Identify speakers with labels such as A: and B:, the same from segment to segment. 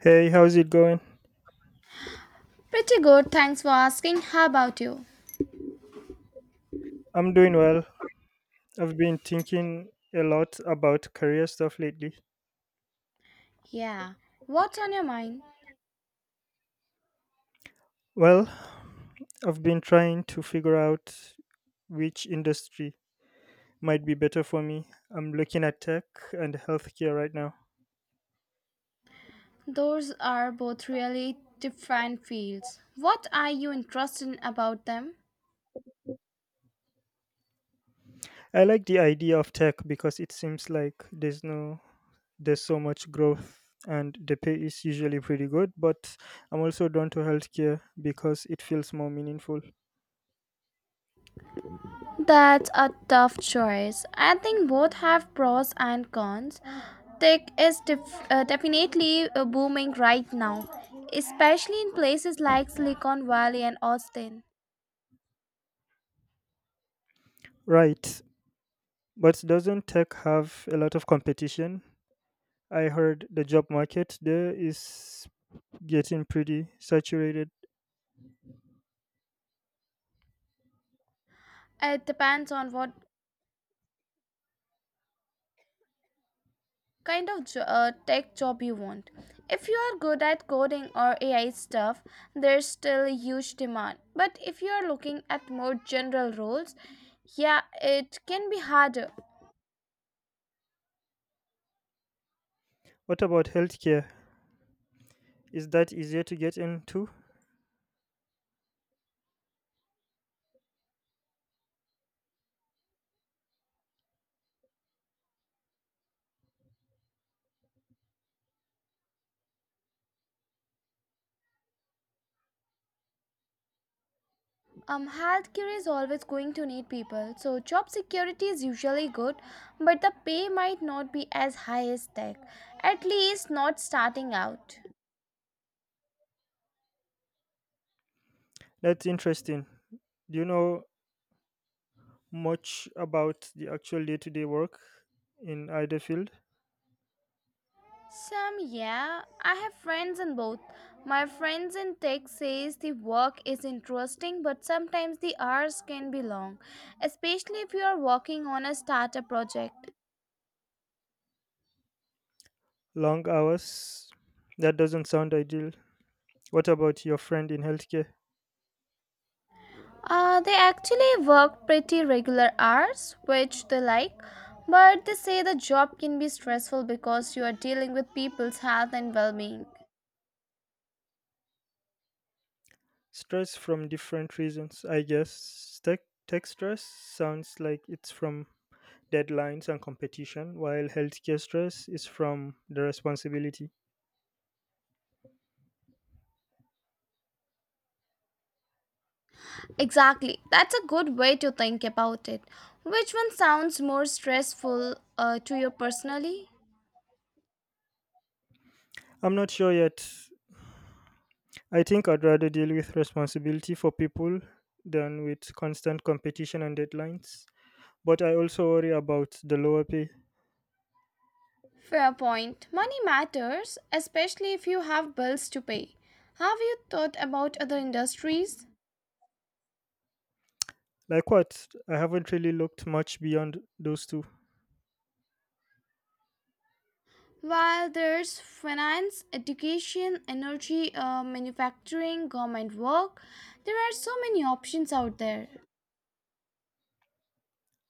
A: Hey, how's it going?
B: Pretty good, thanks for asking. How about you?
A: I'm doing well. I've been thinking a lot about career stuff lately.
B: Yeah, what's on your mind?
A: Well, I've been trying to figure out which industry might be better for me. I'm looking at tech and healthcare right now.
B: Those are both really different fields. What are you interested in about them?
A: I like the idea of tech because it seems like there's no there's so much growth and the pay is usually pretty good, but I'm also drawn to healthcare because it feels more meaningful.
B: That's a tough choice. I think both have pros and cons. Tech is definitely booming right now, especially in places like Silicon Valley and Austin.
A: Right. But doesn't tech have a lot of competition? I heard the job market there is getting pretty saturated.
B: It depends on what kind of tech job you want. If you are good at coding or AI stuff, there's still a huge demand. But if you are looking at more general roles, yeah, it can be harder.
A: What about healthcare? Is that easier to get into?
B: Healthcare is always going to need people, so job security is usually good, but the pay might not be as high as tech, at least not starting out.
A: That's interesting. Do you know much about the actual day to day work in either field?
B: Some, yeah. I have friends in both. My friends in tech says the work is interesting, but sometimes the hours can be long, especially if you are working on a startup project.
A: Long hours? That doesn't sound ideal. What about your friend in healthcare?
B: They actually work pretty regular hours, which they like, but they say the job can be stressful because you are dealing with people's health and well-being.
A: Stress from different reasons, I guess. Tech stress sounds like it's from deadlines and competition, while healthcare stress is from the responsibility.
B: Exactly. That's a good way to think about it. Which one sounds more stressful to you personally?
A: I'm not sure yet. I think I'd rather deal with responsibility for people than with constant competition and deadlines. But I also worry about the lower pay.
B: Fair point. Money matters, especially if you have bills to pay. Have you thought about other industries?
A: Like what? I haven't really looked much beyond those two.
B: While there's finance, education, energy, manufacturing, government work, there are so many options out there.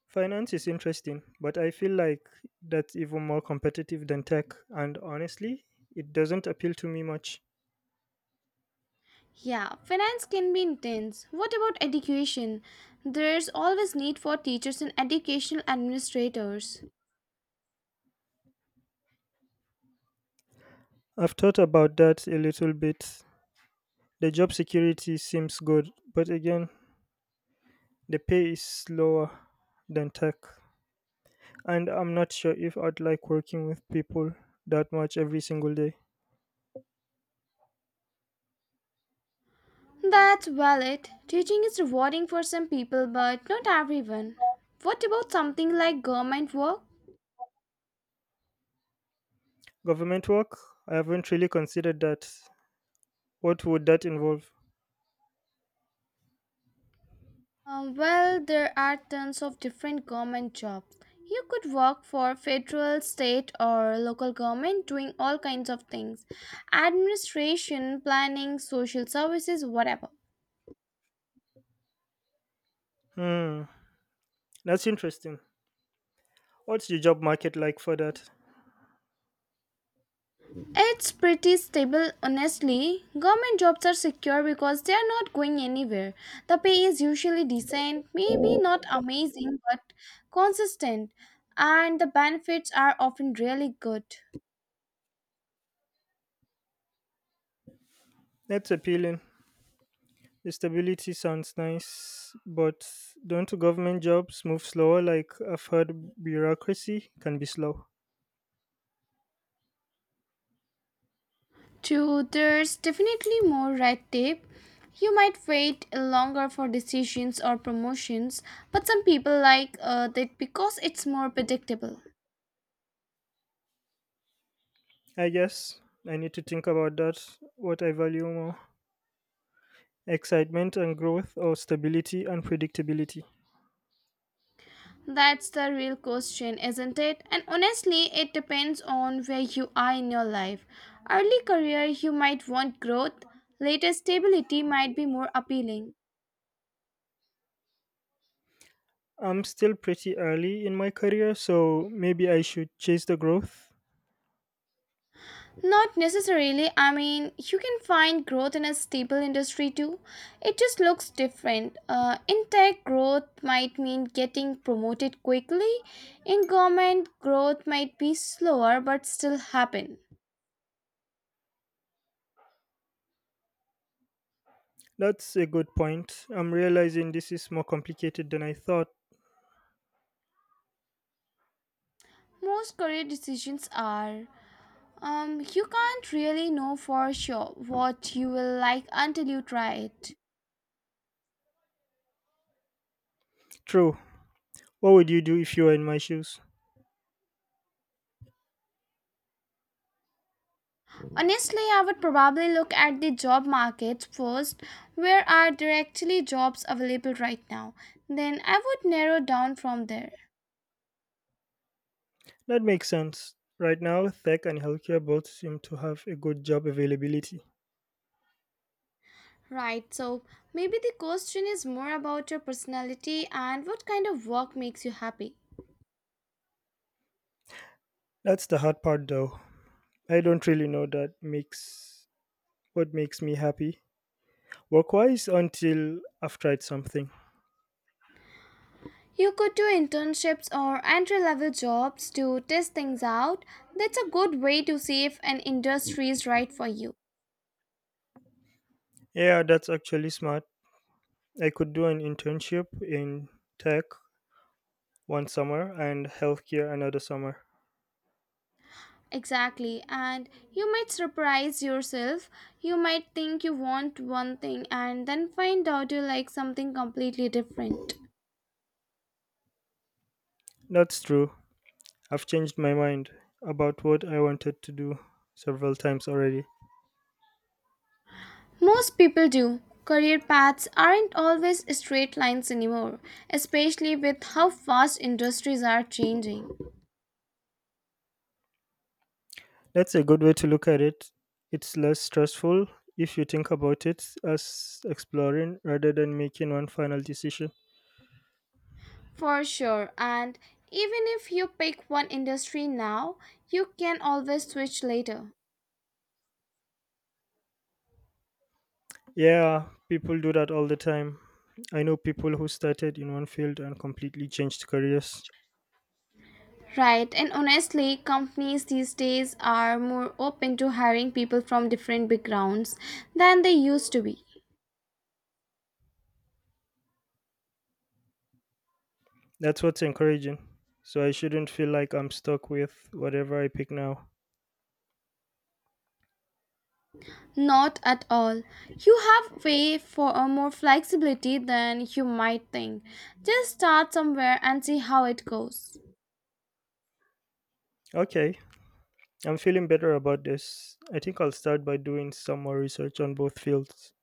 A: Finance is interesting, but I feel like that's even more competitive than tech, and honestly, it doesn't appeal to me much.
B: Yeah, finance can be intense. What about education? There's always need for teachers and educational administrators.
A: I've thought about that a little bit. The job security seems good, but again, the pay is lower than tech. And I'm not sure if I'd like working with people that much every single day.
B: That's valid. Teaching is rewarding for some people, but not everyone. What about something like government work?
A: Government work? I haven't really considered that. What would that involve?
B: Well, there are tons of different government jobs. You could work for federal, state, or local government doing all kinds of things: administration, planning, social services, whatever.
A: Hmm, that's interesting. What's the job market like for that?
B: It's pretty stable, honestly. Government jobs are secure because they are not going anywhere. The pay is usually decent, maybe not amazing, but consistent, and the benefits are often really good.
A: That's appealing. The stability sounds nice, but don't government jobs move slower? Like I've heard bureaucracy can be slow.
B: Two, there's definitely more red tape. You might wait longer for decisions or promotions, but some people like that because it's more predictable.
A: I guess I need to think about that, what I value more, excitement and growth, or stability and predictability.
B: That's the real question, isn't it? And honestly, it depends on where you are in your life. Early career, you might want growth, later, stability might be more appealing.
A: I'm still pretty early in my career, so maybe I should chase the growth.
B: Not necessarily, I mean, you can find growth in a stable industry too. It just looks different. In tech, growth might mean getting promoted quickly, in government, growth might be slower but still happen.
A: That's a good point. I'm realizing this is more complicated than I thought.
B: Most career decisions are. You can't really know for sure what you will like until you try it.
A: True. What would you do if you were in my shoes?
B: Honestly, I would probably look at the job market first. Where are there actually jobs available right now? Then I would narrow down from there.
A: That makes sense. Right now, tech and healthcare both seem to have a good job availability.
B: Right, so maybe the question is more about your personality and what kind of work makes you happy.
A: That's the hard part though. I don't really know that makes what makes me happy work-wise until I've tried something.
B: You could do internships or entry level jobs to test things out. That's a good way to see if an industry is right for you.
A: Yeah, that's actually smart. I could do an internship in tech one summer and healthcare another summer.
B: Exactly, and you might surprise yourself. You might think you want one thing and then find out you like something completely different.
A: That's true. I've changed my mind about what I wanted to do several times already.
B: Most people do. Career paths aren't always straight lines anymore, especially with how fast industries are changing.
A: That's a good way to look at it. It's less stressful if you think about it as exploring rather than making one final decision.
B: For sure, and even if you pick one industry now, you can always switch later.
A: Yeah, people do that all the time. I know people who started in one field and completely changed careers.
B: Right, and honestly, companies these days are more open to hiring people from different backgrounds than they used to be.
A: That's what's encouraging. So I shouldn't feel like I'm stuck with whatever I pick now.
B: Not at all. You have way for a more flexibility than you might think. Just start somewhere and see how it goes.
A: Okay, I'm feeling better about this. I think I'll start by doing some more research on both fields.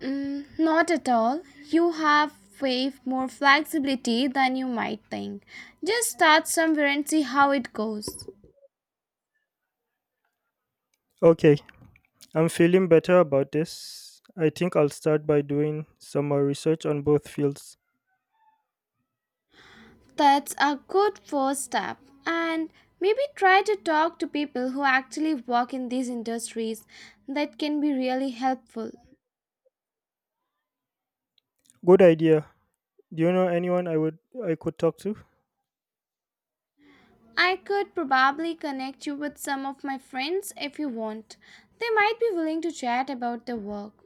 B: Mm, not at all. You have way more flexibility than you might think. Just start somewhere and see how it goes.
A: Okay, I'm feeling better about this. I think I'll start by doing some more research on both fields.
B: That's a good first step. And maybe try to talk to people who actually work in these industries. That can be really helpful.
A: Good idea. Do you know anyone I could talk to?
B: I could probably connect you with some of my friends if you want. They might be willing to chat about their work.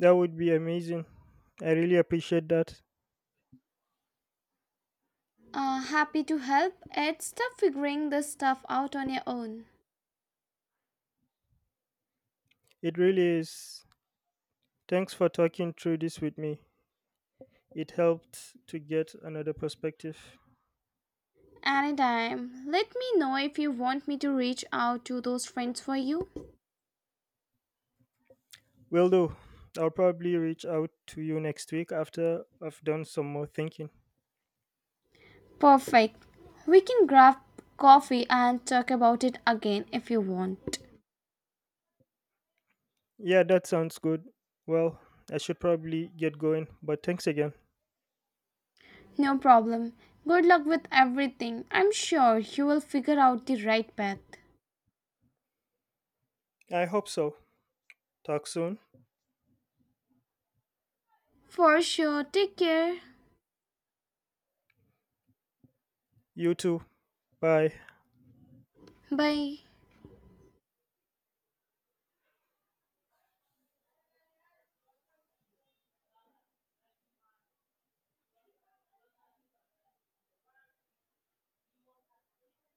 A: That would be amazing. I really appreciate that.
B: Happy to help. It's tough figuring this stuff out on your own.
A: It really is. Thanks for talking through this with me. It helped to get another perspective.
B: Anytime, let me know if you want me to reach out to those friends for you.
A: Will do. I'll probably reach out to you next week after I've done some more thinking.
B: Perfect. We can grab coffee and talk about it again if you want.
A: Yeah, that sounds good. Well, I should probably get going, but thanks again.
B: No problem. Good luck with everything. I'm sure you will figure out the right path.
A: I hope so. Talk soon.
B: For sure. Take care.
A: You too. Bye.
B: Bye.